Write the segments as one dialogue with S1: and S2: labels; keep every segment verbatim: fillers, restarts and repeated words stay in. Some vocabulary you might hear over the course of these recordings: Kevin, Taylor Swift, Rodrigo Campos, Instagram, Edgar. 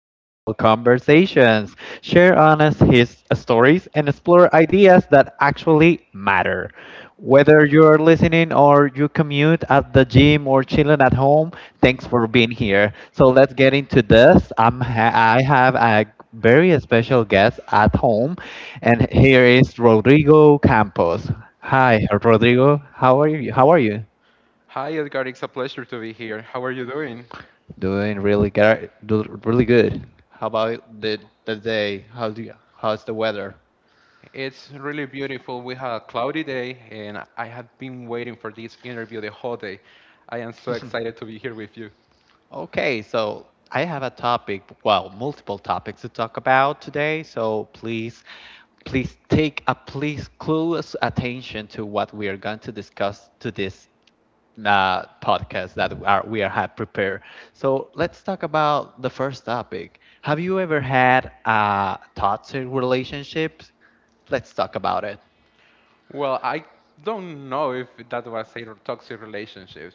S1: real conversations, share honest his stories, and explore ideas that actually matter. Whether you're listening or you commute at the gym or chilling at home, thanks for being here. So let's get into this. I'm ha- I have a very special guest at home, and here is Rodrigo Campos. Hi, Rodrigo. How are you? How are you?
S2: Hi, Edgar. It's a pleasure to be here. How are you doing?
S1: Doing really good. Do Really good. How about the the day? How do you? How's the weather?
S2: It's really beautiful. We had a cloudy day, and I have been waiting for this interview the whole day. I am so excited to be here with you.
S1: Okay, so I have a topic. Well, multiple topics to talk about today. So please, please take a please close attention to what we are going to discuss to this uh, podcast that are, we are have prepared. So let's talk about the first topic. Have you ever had a toxic relationship? Let's talk about it.
S2: Well, I don't know if that was a toxic relationship.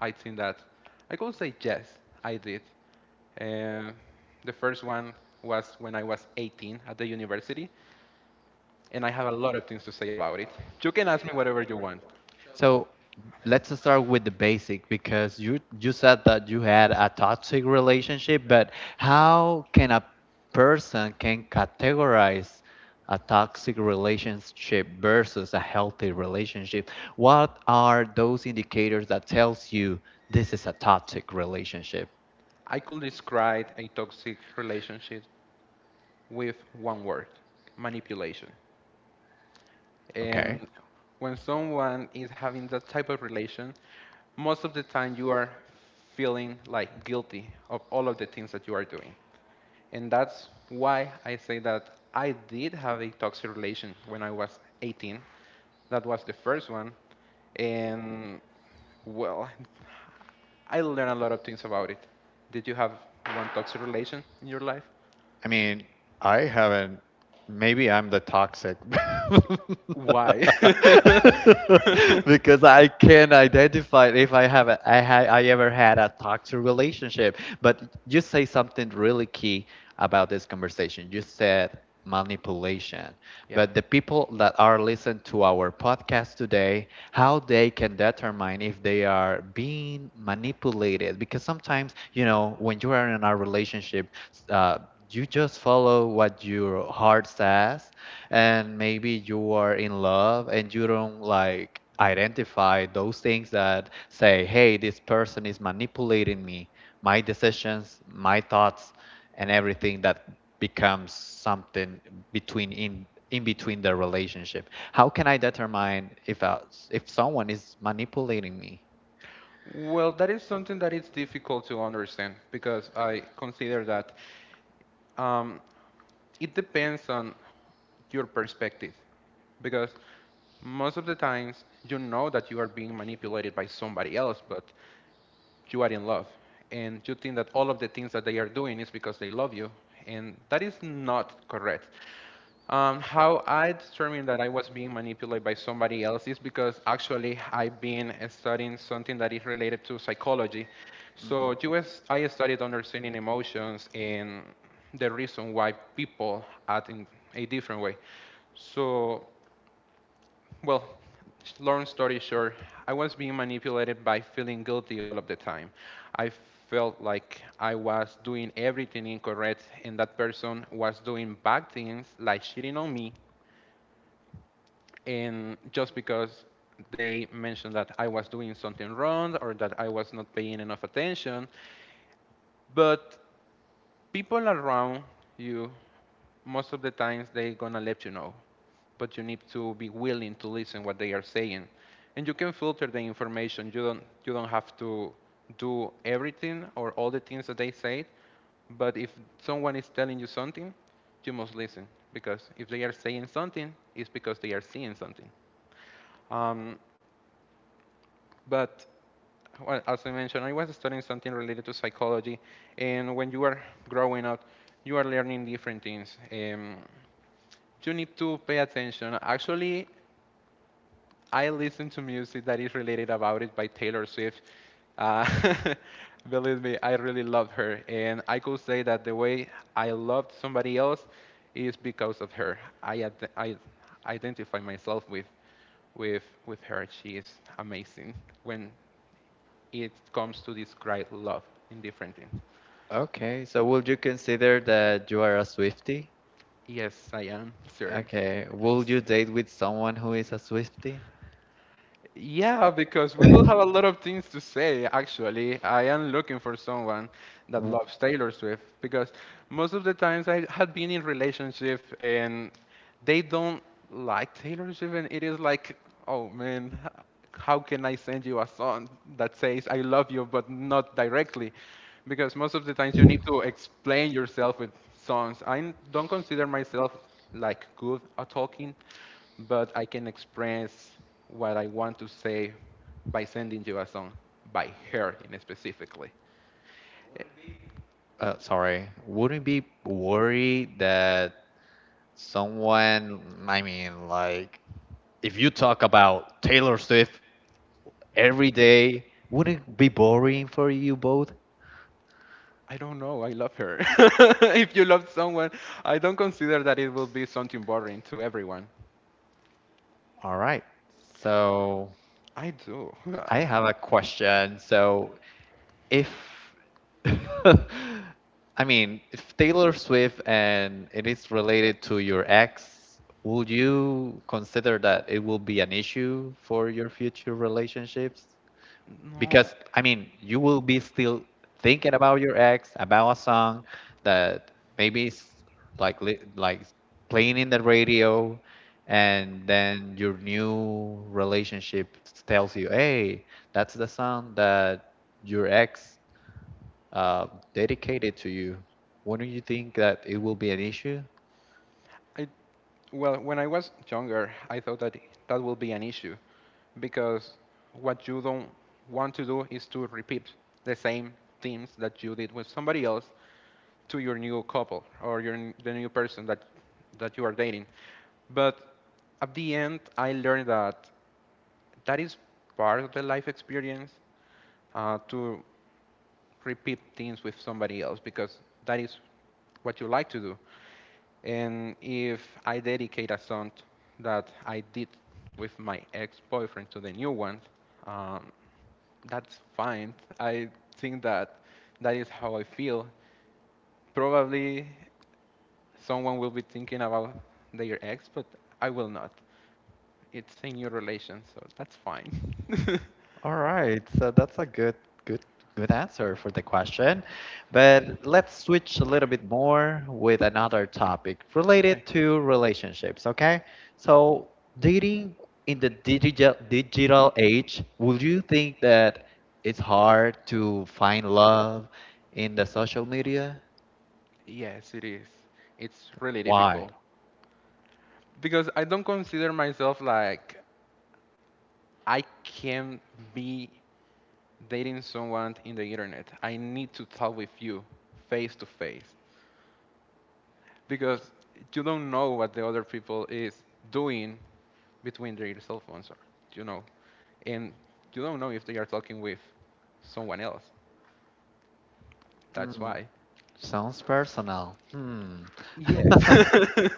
S2: I think that I could say yes, I did. Uh, the first one was when I was eighteen at the university, and I have a lot of things to say about it. You can ask me whatever you want.
S1: So let's start with the basic because you you said that you had a toxic relationship, but how can a person can categorize a toxic relationship versus a healthy relationship? What are those indicators that tells you this is a toxic relationship?
S2: I could describe a toxic relationship with one word manipulation.
S1: Okay.
S2: And when someone is having that type of relation, most of the time you are feeling like guilty of all of the things that you are doing. And that's why I say that I did have a toxic relation when I was eighteen. That was the first one. And well, I learned a lot of things about it. Did you have one toxic relation in your life?
S1: I mean, I haven't. Maybe I'm the toxic
S2: Why?
S1: because I can identify if I have a, I, ha, I ever had a toxic relationship. But you say something really key about this conversation. You said manipulation.
S2: Yeah.
S1: But the people that are listening to our podcast today, how they can determine if they are being manipulated? Because sometimes, you know, when you are in a relationship, uh, you just follow what your heart says and maybe you are in love and you don't like identify those things that say hey this person is manipulating me my decisions my thoughts and everything that becomes something between in in between the relationship how can I determine if I, if someone is manipulating me
S2: Well, that is something that is difficult to understand because I consider that um, it depends on your perspective. Because most of the times you know that you are being manipulated by somebody else, but you are in love and you think that all of the things that they are doing is because they love you, and that is not correct. Um, how I determined that I was being manipulated by somebody else is because actually I've been uh, studying something that is related to psychology, so US, I studied understanding emotions and the reason why people act in a different way. So well, long story short, I was being manipulated by feeling guilty all of the time. I felt like I was doing everything incorrect, and that person was doing bad things, like cheating on me, and just because they mentioned that I was doing something wrong or that I was not paying enough attention. But people around you most of the times they gonna let you know, but you need to be willing to listen what they are saying, and you can filter the information. You don't you don't have to do everything or all the things that they say, but if someone is telling you something you must listen, because if they are saying something it's because they are seeing something. um, but well, as I mentioned, I was studying something related to psychology, and when you are growing up, you are learning different things. Um, you need to pay attention. Actually, I listen to music that is related about it by Taylor Swift. Uh, Believe me, I really love her, and I could say that the way I loved somebody else is because of her. I, ad- I identify myself with with with her. She is amazing when it comes to describe love in different things.
S1: okay so would you consider that you are a swifty
S2: Yes, I am, sir.
S1: Okay. Will you date with someone who is a Swiftie?
S2: Yeah, because we will have a lot of things to say, actually. I am looking for someone that
S1: W
S2: loves Taylor Swift, because most of the times I had been in relationship and they don't like Taylor Swift, and it is like, oh man, h- how can I send you a song that says I love you but not directly? Because most of the times you need to explain yourself with songs. I n- don't consider myself like good at talking, but I can express what I want to say by sending you a song by her in specifically. Eh,
S1: uh, sorry. Wouldn't be worried that someone, I mean, like, if you talk about Taylor Swift every day, wouldn't it be boring for you both?
S2: I don't know. I love her. If you love someone, I don't consider that it will be something boring to everyone.
S1: All right. So
S2: I do. I-
S1: I have a question. So If I mean, if Taylor Swift and it is related to your ex, would you consider that it will be an issue for your future relationships?
S2: No.
S1: Because I mean, you will be still thinking about your ex, about a song that maybe is like li- like playing in the radio, and then your new relationship tells you, "Hey, that's the song that your ex uh, dedicated to you. When do you think that it will be an issue?
S2: I well, when I was younger, I thought that that will be an issue, because what you don't want to do is to repeat the same things that you did with somebody else to your new couple or your the new person that that you are dating. But at the end, I learned that that is part of the life experience, uh, to repeat things with somebody else because that is what you like to do. And if I dedicate a song that I did with my ex-boyfriend to the new one, um, that's fine. I think that that is how I feel. Probably someone will be thinking about their ex, but I will not. It's a new relation, so that's fine.
S1: All right, so that's a good, good, good answer for the question. But let's switch a little bit more with another topic related to relationships, okay? So, dating in the digital digital age, would you think that it's hard to find love in the social media?
S2: Yes, it is. It's really
S1: Why?
S2: difficult because I don't consider myself like I can be dating someone in the internet. I need to talk with you face to face, because you don't know what the other people is doing between their cell phones, or, you know, and you don't know if they are talking with someone else. That's why.
S1: Sounds personal. Hmm.
S2: Yes.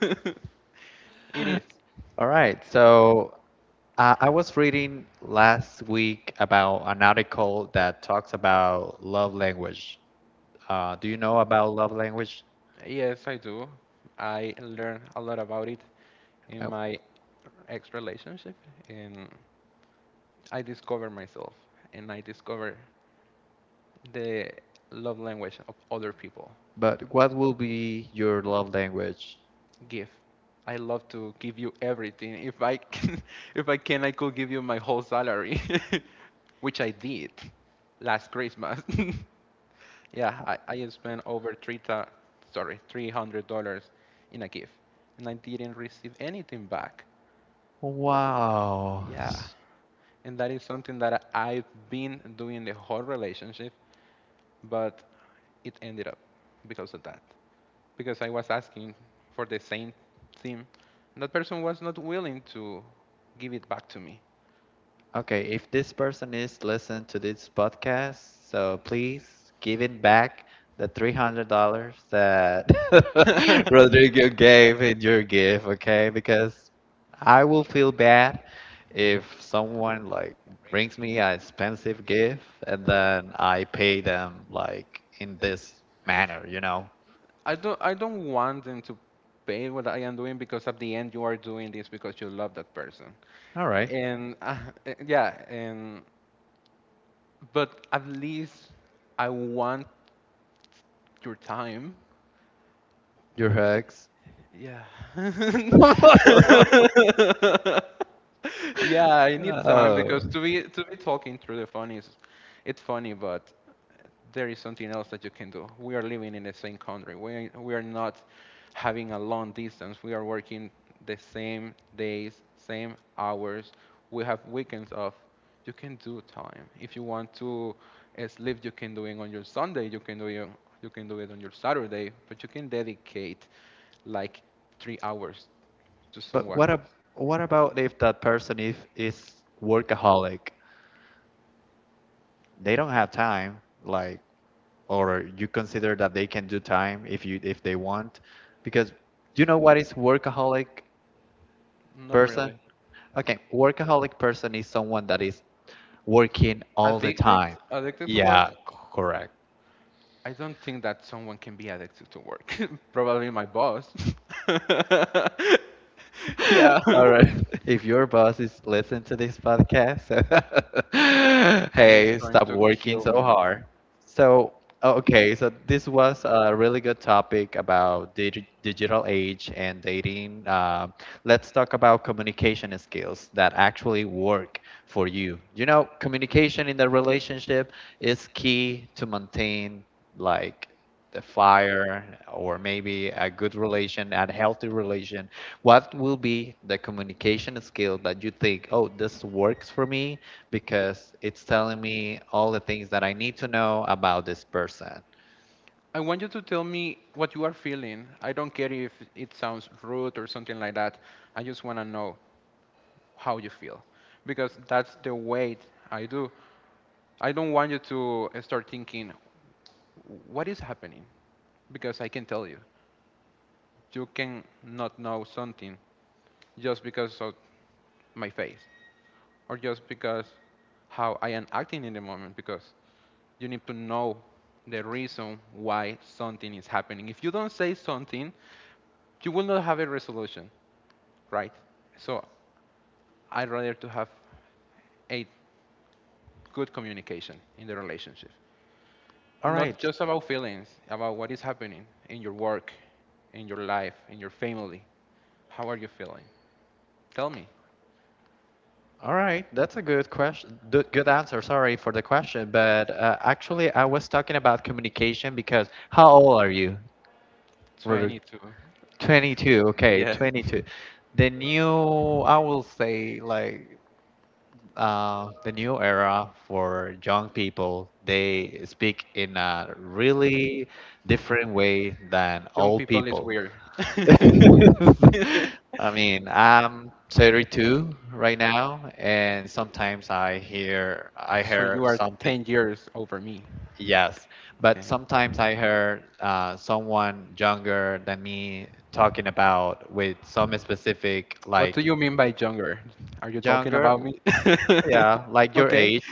S2: It is.
S1: All right, so Uh, I was reading last week about an article that talks about love language. Uh, do you know about love language?
S2: Yes, I do. I learned a lot about it in
S1: Uh,
S2: my ex relationship, and I discovered myself, and I discovered the love language of other people.
S1: But what will be your love language?
S2: Give. I love to give you everything. If I can, if I can, I could give you my whole salary, which I did last Christmas. Yeah, I, I spent over three ta, sorry, three hundred dollars in a gift, and I didn't receive anything back.
S1: Wow.
S2: Yeah, and that is something that I- I've been doing the whole relationship, but it ended up because of that. Because I was asking for the same thing, and that person was not willing to give it back to me.
S1: Okay, if this person is listening to this podcast, so please give it back the three hundred dollars that Rodrigo gave in your gift, okay? Because I will feel bad if someone like brings me an expensive gift and then I pay them like in this manner, you know?
S2: I don't I don't want them to pay what I am doing, because at the end you are doing this because you love that person.
S1: All right,
S2: And uh, uh, yeah, and but at least I want your time.
S1: your hugs.
S2: Yeah. Yeah, I need time, because
S1: Oh.
S2: to be to be talking through the phone is, it's funny, but there is something else that you can do. We are living in the same country. We we are not having a long distance. We are working the same days, same hours. We have weekends off. You can do time. If you want to uh, sleep, you can do it on your Sunday. You can do it. You can do it on your Saturday, but you can dedicate like three hours to
S1: But
S2: someone
S1: what ab
S2: else.
S1: what about if that person if is workaholic? They don't have time, like, or you consider that they can do time if you if they want? Because you know what is workaholic
S2: Not
S1: person?
S2: really.
S1: Okay, workaholic person is someone that is working all the
S2: Addicted?
S1: time.
S2: Addicted to work?
S1: Yeah, c- correct.
S2: I don't think that someone can be addicted to work. Probably my boss. Yeah.
S1: All right. If your boss is listening to this podcast,
S2: He is
S1: hey,
S2: going
S1: stop
S2: to
S1: working
S2: kill
S1: so
S2: me.
S1: hard. So, okay, so this was a really good topic about dig digital age and dating. Um, let's talk about communication skills that actually work for you. You know, communication in the relationship is key to maintain like the fire or maybe a good relation, a healthy relation, what will be the communication skill that you think, oh, this works for me because it's telling me all the things that I need to know about this person?
S2: I want you to tell me what you are feeling. I don't care if it sounds rude or something like that. I just want to know how you feel. Because that's the way I do. I don't want you to start thinking, what is happening, because I can tell you you can not know something just because of my face or just because how I am acting in the moment, because you need to know the reason why something is happening. If you don't say something you will not have a resolution, right? So I'd rather to have a good communication in the relationship,
S1: All
S2: not
S1: right.
S2: just about feelings, about what is happening in your work, in your life, in your family. How are you feeling? Tell me.
S1: All right, that's a good question. Good good answer. Sorry for the question, but uh, actually, I was talking about communication because how old are you? Ruru?
S2: twenty-two.
S1: twenty-two. Okay,
S2: Yes.
S1: twenty-two. The new, I will say, like uh, the new era for young people, they speak in a really different way than
S2: Young
S1: old
S2: people is
S1: people.
S2: weird.
S1: I mean, I'm thirty-two right now, and sometimes I hear I
S2: So
S1: hear
S2: you are
S1: something.
S2: ten years over me.
S1: Yes, but
S2: Okay.
S1: sometimes I hear uh, someone younger than me talking about with some specific
S2: What do
S1: like
S2: you mean by younger? Are you talking
S1: younger,
S2: about me?
S1: yeah, like your
S2: Okay.
S1: age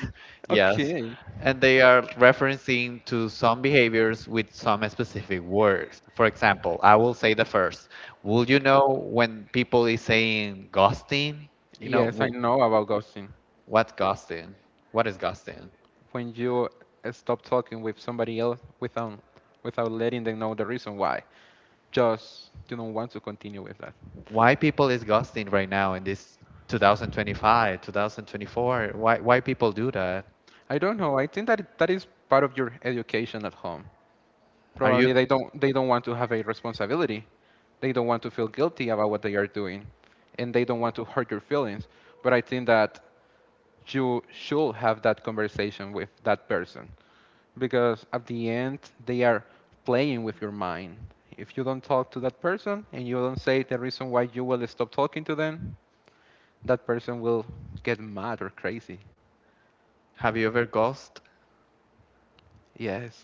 S1: Yes.
S2: Okay.
S1: And they are referencing to some behaviors with some specific words. For example, I will say the first. Will you know when people is saying ghosting? You know,
S2: Yes, I
S1: wh-
S2: know about ghosting.
S1: what's ghosting? What is ghosting?
S2: When you uh, stop talking with somebody else without without letting them know the reason why. Just didn't want to continue with that.
S1: Why people is ghosting right now in this twenty twenty-five, twenty twenty-four? Why why people do that?
S2: I don't know. I think that that is part of your education at home.
S1: Are you
S2: Probably they don't they don't want to have a responsibility. They don't want to feel guilty about what they are doing, and they don't want to hurt your feelings. But I think that you should have that conversation with that person, because at the end they are playing with your mind. If you don't talk to that person and you don't say the reason why you will stop talking to them, that person will get mad or crazy.
S1: have you ever ghost?
S2: Yes.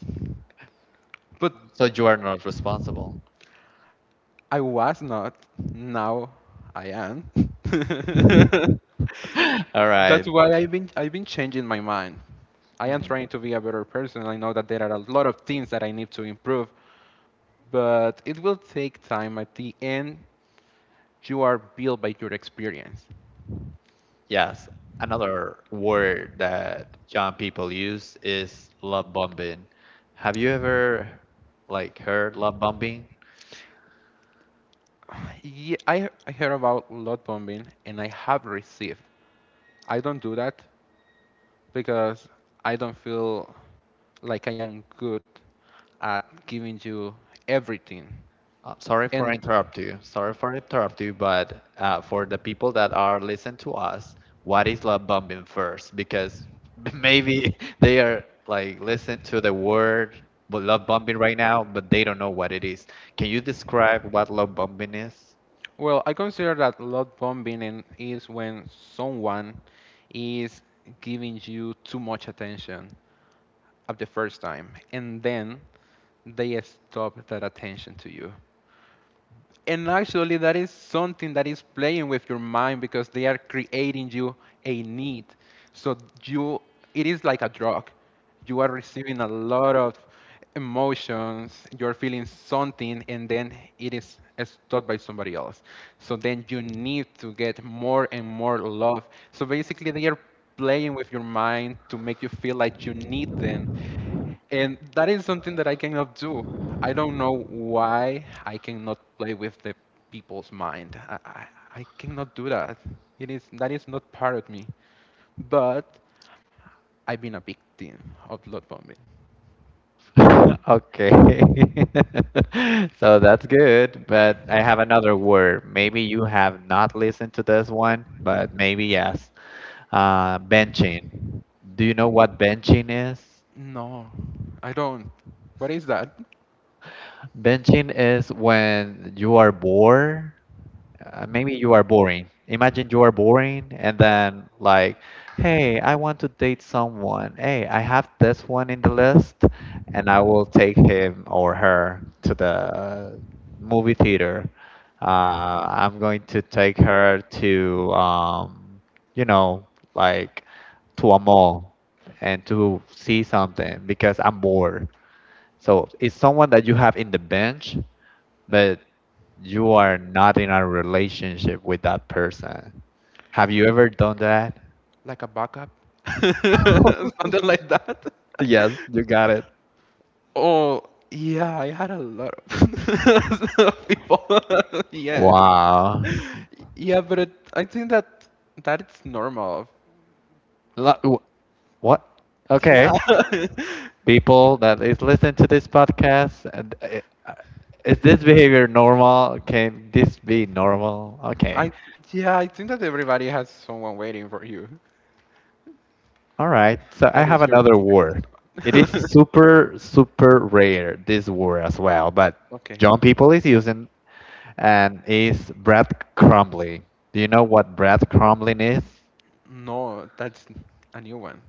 S2: But
S1: So you are not responsible.
S2: I was not. Now I am.
S1: All
S2: That's
S1: right.
S2: why I've been I've been changing my mind. I am
S1: Mhm.
S2: trying to be a better person. I know that there are a lot of things that I need to improve, but it will take time. At the end, you are built by your experience.
S1: Yes, another word that young people use is love bombing. Have you ever like heard love bombing?
S2: Yeah, I I heard about load bombing and I have received. I don't do that because I don't feel like I am good at giving you everything.
S1: Uh, sorry for
S2: And
S1: interrupt you. Sorry for interrupt you, but uh, for the people that are listening to us, what is love bombing first? Because maybe they are like listening to the word but love bombing right now, but they don't know what it is. Can you describe what love bombing is?
S2: well, I consider that love bombing in- is when someone is giving you too much attention at the first time, and then they stop that attention to you. And actually, that is something that is playing with your mind, because they are creating you a need. So you, it is like a drug. You are receiving a lot of emotions. You're feeling something, and then it is stopped by somebody else. So then you need to get more and more love. So basically, they are playing with your mind to make you feel like you need them, and that is something that I cannot do. I don't know why I cannot play with the people's mind. I, I, I cannot do that. It is that is not part of me. But I've been a victim of blood bombing.
S1: Okay. So that's good, but I have another word. Maybe you have not listened to this one, but maybe yes. Uh, benching. Do you know what benching is?
S2: No, I don't. What is that?
S1: Benching is when you are bored uh, maybe you are boring. Imagine you are boring and then like, hey, I want to date someone. Hey, I have this one in the list and I will take him or her to the movie theater. Uh, I'm going to take her to um, you know, like to a mall and to see something because I'm bored. So it's someone that you have in the bench but you are not in a relationship with that person. Have you ever done that?
S2: Like a backup? Something like that?
S1: Yes, you got it.
S2: Oh, yeah, I had a lot of people. Yes.
S1: Wow.
S2: Yeah, but it, I think that that's normal.
S1: Lo- w- What? Okay.
S2: Yeah.
S1: People that is listening to this podcast, and uh, uh, is this behavior normal? Can this be normal? Okay.
S2: I Yeah, I think that everybody has someone waiting for you.
S1: All right. So I
S2: That
S1: have
S2: is your
S1: another word. It is super, super rare, this word as well, but
S2: Okay.
S1: John People is using and is bread crumbling. Do you know what bread crumbling is?
S2: No, that's a new one.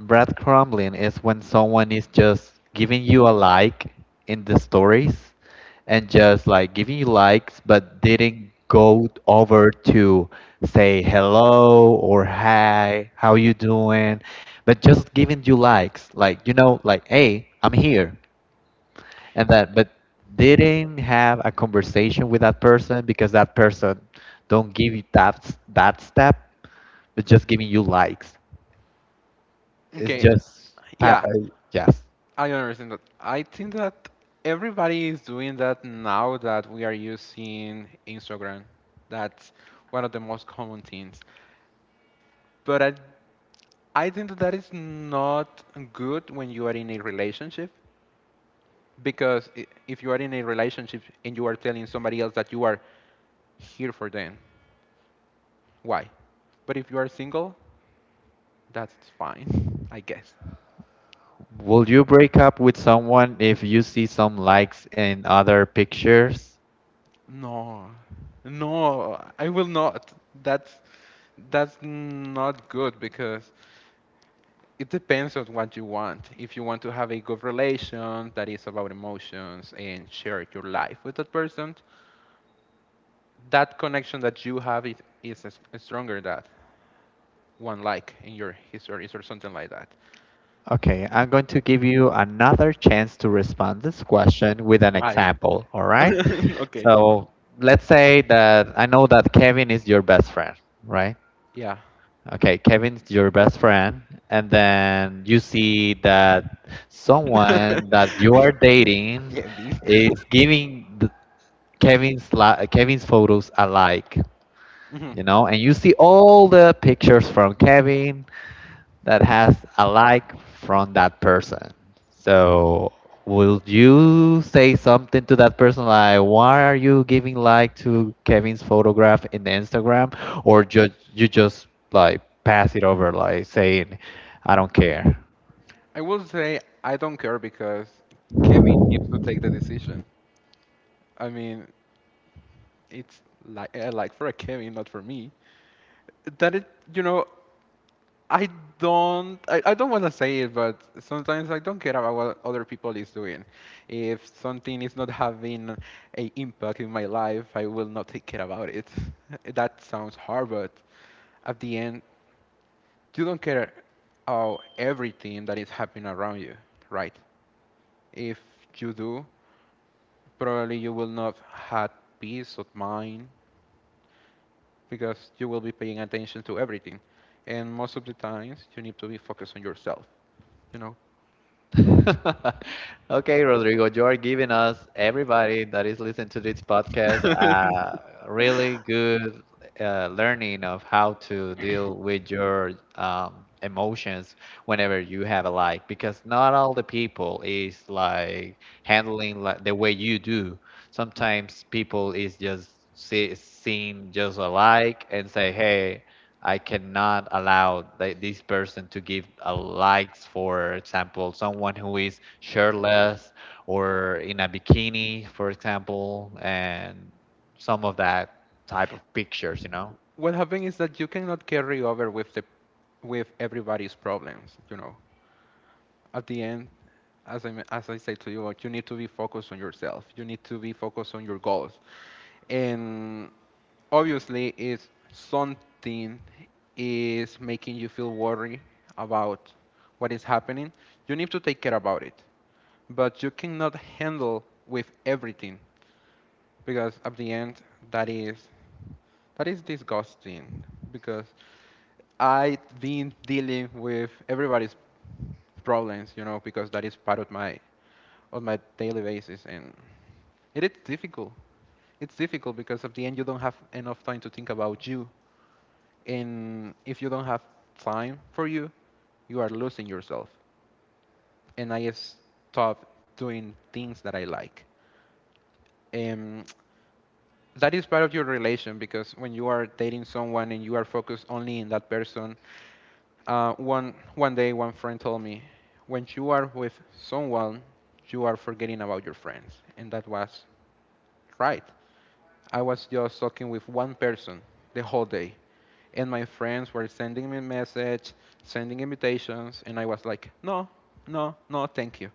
S1: Breadcrumbing is when someone is just giving you a like in the stories and just like giving you likes but didn't go over to say hello or hi, how you doing, but just giving you likes, like you know, like hey, I'm here and that but didn't have a conversation with that person because that person don't give you that that step but just giving you likes it's
S2: Okay.
S1: just, pa-
S2: Yeah,
S1: uh, yes.
S2: I understand that. I think that everybody is doing that now that we are using Instagram. That's one of the most common things. But I I think that that is not good when you are in a relationship, because i- if you are in a relationship and you are telling somebody else that you are here for them, why? But if you are single, that's fine, I guess.
S1: Will you break up with someone if you see some likes in other pictures?
S2: No, no, I will not. That's that's not good because it depends on what you want. If you want to have a good relation that is about emotions and share your life with that person, that connection that you have is, is s- stronger that one like in your histories or something like that.
S1: Okay, I'm going to give you another chance to respond this question with an
S2: Why?
S1: example, all right?
S2: Okay.
S1: So let's say that I know that Kevin is your best friend, right?
S2: Yeah.
S1: Okay, Kevin's your best friend, and then you see that someone that you are dating
S2: Kevin.
S1: is giving th- Kevin's li- Kevin's photos alike,
S2: Mhm.
S1: you know, and you see all the pictures from Kevin that has a like from that person. So will you say something to that person like why are you giving like to Kevin's photograph in the Instagram or just you just like pass it over like saying I don't care.
S2: I will say I don't care because Kevin needs to take the decision. I mean, it's like uh, like for a Kevin, not for me. That it, you know, I don't I, I don't want to say it, but sometimes I don't care about what other people is doing. If something is not having a impact in my life, I will not take care about it. That sounds hard, but at the end, you don't care about everything that is happening around you, right? If you do, probably you will not have peace of mind because you will be paying attention to everything. And most of the times, you need to be focused on yourself, you know?
S1: Okay, Rodrigo, you are giving us, everybody that is listening to this podcast, uh, really good uh, learning of how to deal with your um, emotions whenever you have a like, because not all the people is like handling like the way you do. Sometimes people is just see, seem just alike and say, hey, I cannot allow th- this person to give a likes, for example, someone who is shirtless or in a bikini, for example, and some of that type of pictures, you know.
S2: What happened is that you cannot carry over with the with everybody's problems, you know at the end, as i as i say to you, like, you need to be focused on yourself. You need to be focused on your goals. And obviously, if something is making you feel worried about what is happening, you need to take care about it, but you cannot handle with everything, because at the end, that is that is disgusting, because I've been dealing with everybody's problems, you know, because that is part of my of my daily basis, and it is difficult. It's difficult because at the end you don't have enough time to think about you, and if you don't have time for you, you are losing yourself. And I stop doing things that I like, and that is part of your relation, because when you are dating someone and you are focused only in that person. Uh, one one day, one friend told me, "When you are with someone, you are forgetting about your friends," and that was right. I was just talking with one person the whole day, and my friends were sending me messages, sending invitations, and I was like, "No, no, no, thank you."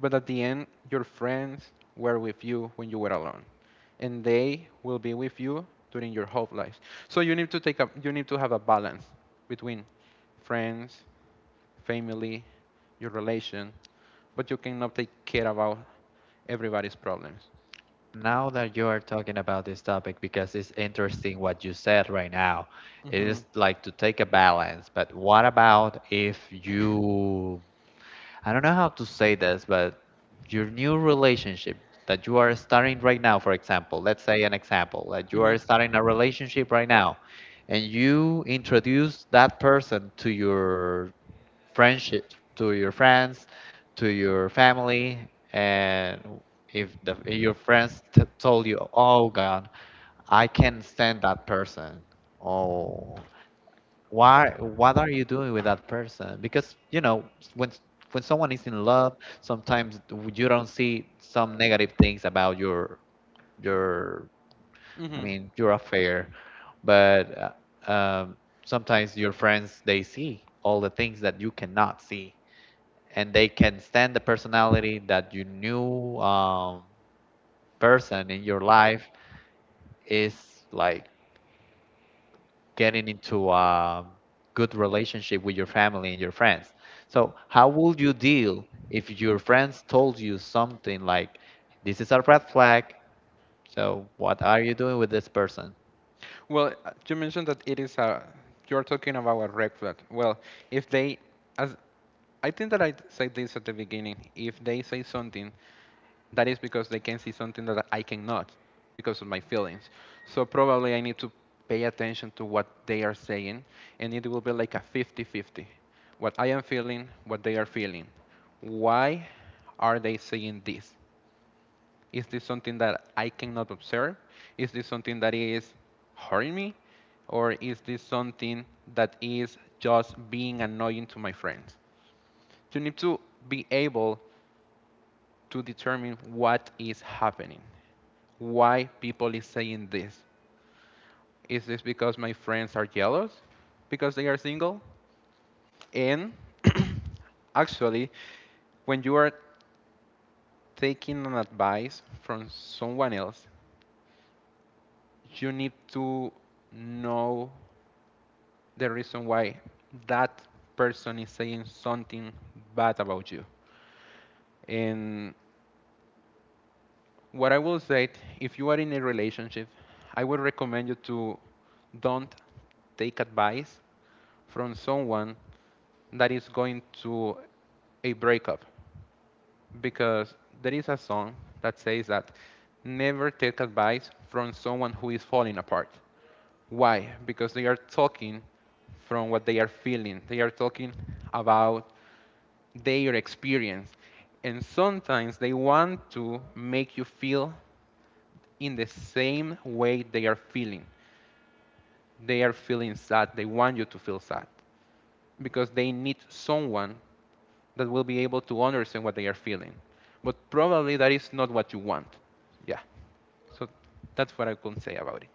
S2: But at the end, your friends were with you when you were alone, and they will be with you during your whole life. So you need to take a you need to have a balance between friends, family, your relation, but you cannot take care about everybody's problems.
S1: Now that you are talking about this topic, because it's interesting what you said right now, it
S2: Hmm.
S1: is like to take a balance. But what about if you I don't know how to say this, but your new relationship that you are starting right now, for example, let's say an example, that you are starting a
S2: Hmm.
S1: relationship right now, and you introduce that person to your friendship, to your friends, to your family, and if the, your friends t- told you, "Oh God, I can't stand that person," oh, why what are you doing with that person? Because you know when when someone is in love, sometimes you don't see some negative things about your your I
S2: Hmm.
S1: mean your affair, but uh, um, sometimes your friends, they see all the things that you cannot see, and they can stand the personality that you knew um, person in your life is like getting into a good relationship with your family and your friends. So, how would you deal if your friends told you something like, "This is a red flag, so what are you doing with this person?"
S2: Well, uh, you mentioned that it is a. You're talking about a red flag. Well, if they, as I think that I said this at the beginning, if they say something, that is because they can see something that I cannot because of my feelings. So probably I need to pay attention to what they are saying, and it will be like a fifty fifty. What I am feeling, what they are feeling. Why are they saying this? Is this something that I cannot observe? Is this something that is hurting me? Or is this something that is just being annoying to my friends? You need to be able to determine what is happening, why people is saying this. Is this because my friends are jealous because they are single? And actually, when you are taking an advice from someone else, you need to know the reason why that person is saying something bad about you. And what I will say, if you are in a relationship, I would recommend you to don't take advice from someone that is going to a breakup, because there is a song that says that never take advice from someone who is falling apart. Why? Because they are talking from what they are feeling. They are talking about their experience. And sometimes they want to make you feel in the same way they are feeling. They are feeling sad. They want you to feel sad because they need someone that will be able to understand what they are feeling. But probably that is not what you want. Yeah. So that's what I can say about it.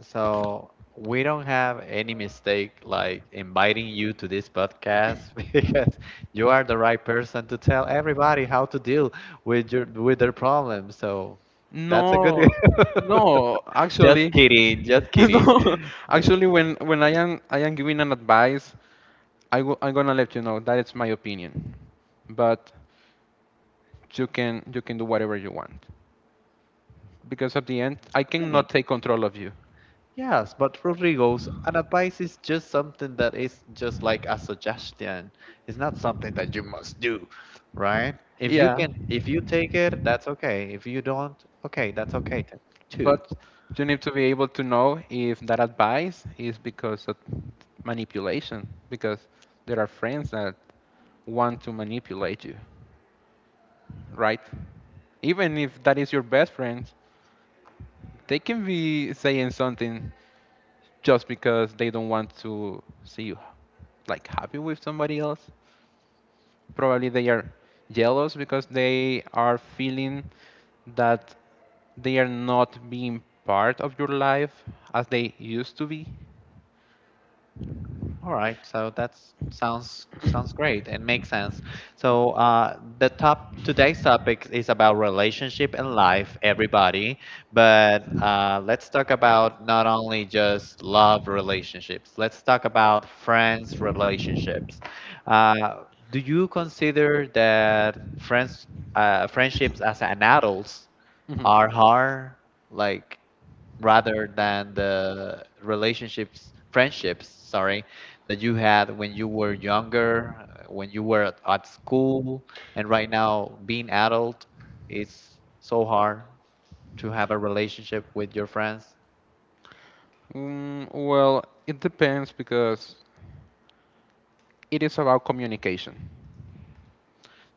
S1: So, we don't have any mistake like inviting you to this podcast because you are the right person to tell everybody how to deal with your with their problems. So, that's a good.
S2: No, no,
S1: Just
S2: actually,
S1: kidding, just kidding.
S2: no, actually, when when I am I am giving an advice, I w- I'm gonna let you know that it's my opinion, but you can you can do whatever you want, because at the end I cannot take control of you.
S1: Yes, but Rodrigo's an advice is just something that is just like a suggestion. It's not something that you must do, right? If you
S2: Yeah.
S1: can, if you take it, that's okay. If you don't, okay, that's okay t- too.
S2: But you need to be able to know if that advice is because of manipulation, because there are friends that want to manipulate you, right? Even if that is your best friend, they can be saying something just because they don't want to see you like happy with somebody else. Probably they are jealous because they are feeling that they are not being part of your life as they used to be.
S1: All right, so that sounds sounds great and makes sense. So uh, the top today's topic is about relationship and life, everybody. But uh, let's talk about not only just love relationships. Let's talk about friends relationships. Uh, do you consider that friends uh, friendships as an adults
S2: Mhm.
S1: are hard? Like rather than the relationships, friendships, sorry, that you had when you were younger, uh, when you were at, at school, and right now being adult, it's so hard to have a relationship with your friends.
S2: Mm, well, it depends because it is about communication.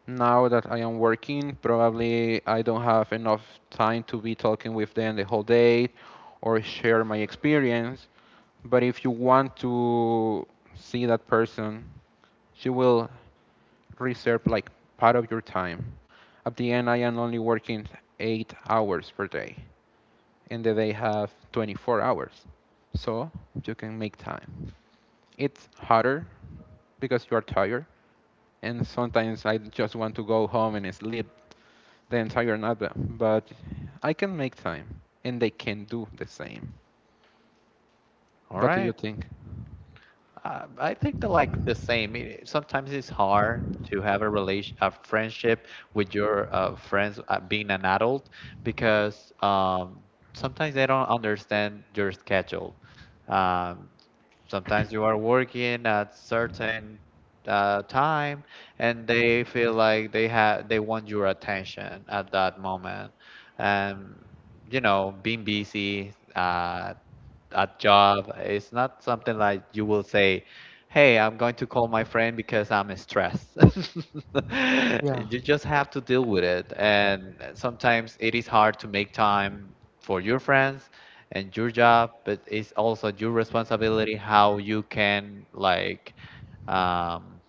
S2: Now that I am working, probably I don't have enough time to be talking with them the whole day or share my experience. But if you want to see that person, she will reserve like part of your time. At the end, I am only working eight hours per day, and the day have twenty-four hours. So you can make time. It's harder because you are tired, and sometimes I just want to go home and sleep the entire night, but I can make time, and they can do the same.
S1: All
S2: What do you
S1: right.
S2: think?
S1: Uh, I think that like the same. It- Sometimes it's hard to have a relation, a friendship with your uh, friends uh, being an adult because um, sometimes they don't understand your schedule. Um, Sometimes you are working at certain uh, time and they feel like they have they want your attention at that moment, and you know being busy. Uh, at job. It's not something like you will say, "Hey, I'm going to call my friend because I'm stressed."
S2: Yeah.
S1: You just have to deal with it, and sometimes it is hard to make time for your friends and your job, but it's also your responsibility how you can like um,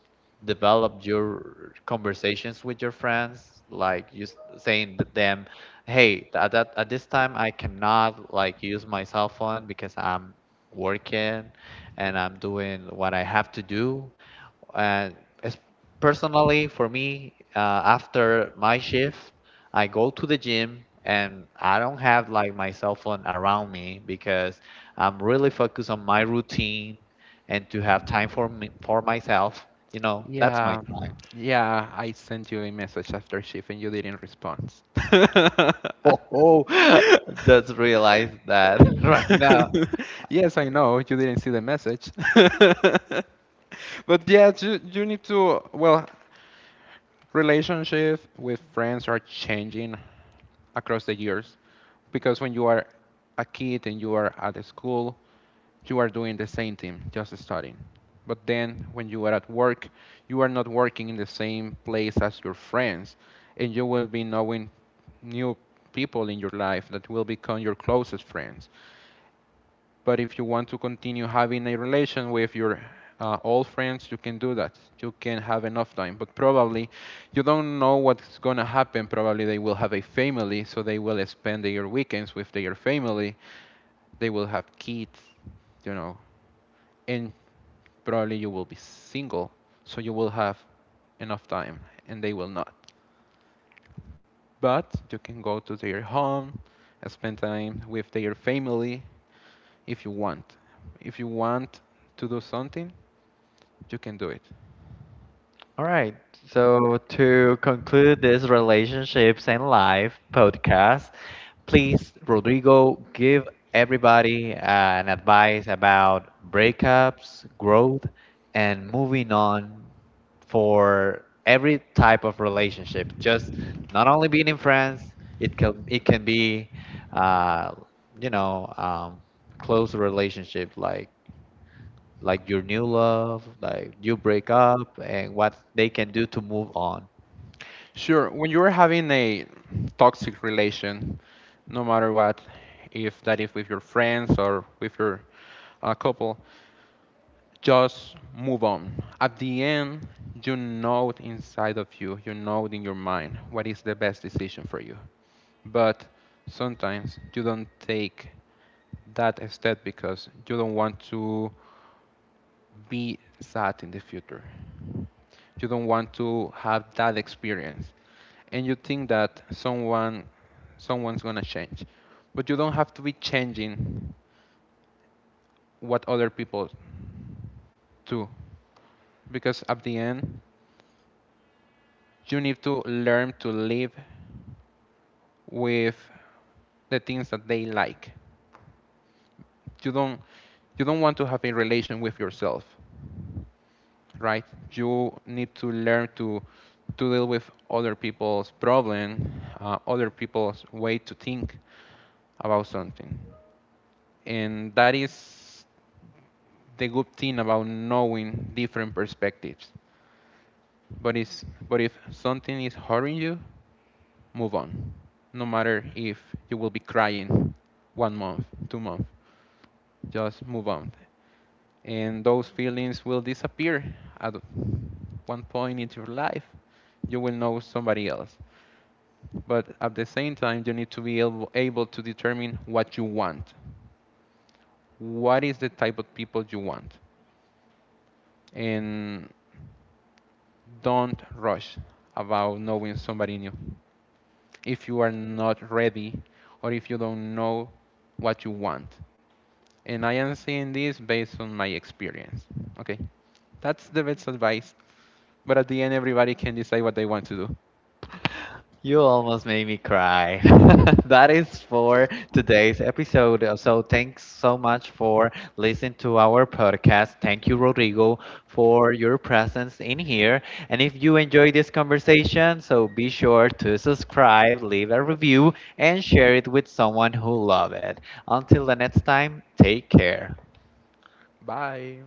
S1: developed your conversations with your friends like you s- saying to them, "Hey, at that at this time, I cannot like use my cell phone because I'm working and I'm doing what I have to do." And as personally for me, uh, after my shift, I go to the gym, and I don't have like my cell phone around me because I'm really focused on my routine and to have time for me, for myself. You know, that's my
S2: Yeah,
S1: time.
S2: yeah, I sent you a message after shift and you didn't respond.
S1: Oh, just realized that right now.
S2: Yes, I know you didn't see the message. But yeah, you, you need to. Well, relationships with friends are changing across the years, because when you are a kid and you are at school, you are doing the same thing, just studying. But then when you are at work, you are not working in the same place as your friends, and you will be knowing new people in your life that will become your closest friends. But if you want to continue having a relation with your uh, old friends, you can do that. You can have enough time. But probably you don't know what's going to happen. Probably they will have a family, so they will spend their weekends with their family. They will have kids, you know, and probably you will be single, so you will have enough time, and they will not. But you can go to their home, spend time with their family if you want. If you want to do something, you can do it.
S1: All right. So to conclude this relationships and life podcast, please, Rodrigo, give everybody uh, an advice about breakups, growth, and moving on for every type of relationship. Just not only being in friends, it can it can be, uh, you know, um, close relationship like like your new love, like you break up, and what they can do to move on.
S2: Sure, when you're having a toxic relation, no matter what, if that is with your friends or with your uh, couple, just move on. At the end, you know it inside of you, you know it in your mind what is the best decision for you. But sometimes you don't take that step because you don't want to be sad in the future. You don't want to have that experience, and you think that someone someone's going to change, but you don't have to be changing what other people do, because at the end you need to learn to live with the things that they like. you don't you don't want to have a relation with yourself, right? You need to learn to to deal with other people's problem, uh, other people's way to think about something, and that is the good thing about knowing different perspectives. But is but if something is hurting you, move on. No matter if you will be crying one month, two months, just move on. And those feelings will disappear at one point in your life. You will know somebody else. But at the same time, you need to be able, able to determine what you want. What is the type of people you want? And don't rush about knowing somebody new if you are not ready or if you don't know what you want. And I am saying this based on my experience. Okay, that's the best advice. But at the end, everybody can decide what they want to do.
S1: You almost made me cry. That is for today's episode. Uh, So thanks so much for listening to our podcast. Thank you, Rodrigo, for your presence in here. And if you enjoyed this conversation, so be sure to subscribe, leave a review, and share it with someone who love it. Until the next time, take care.
S2: Bye.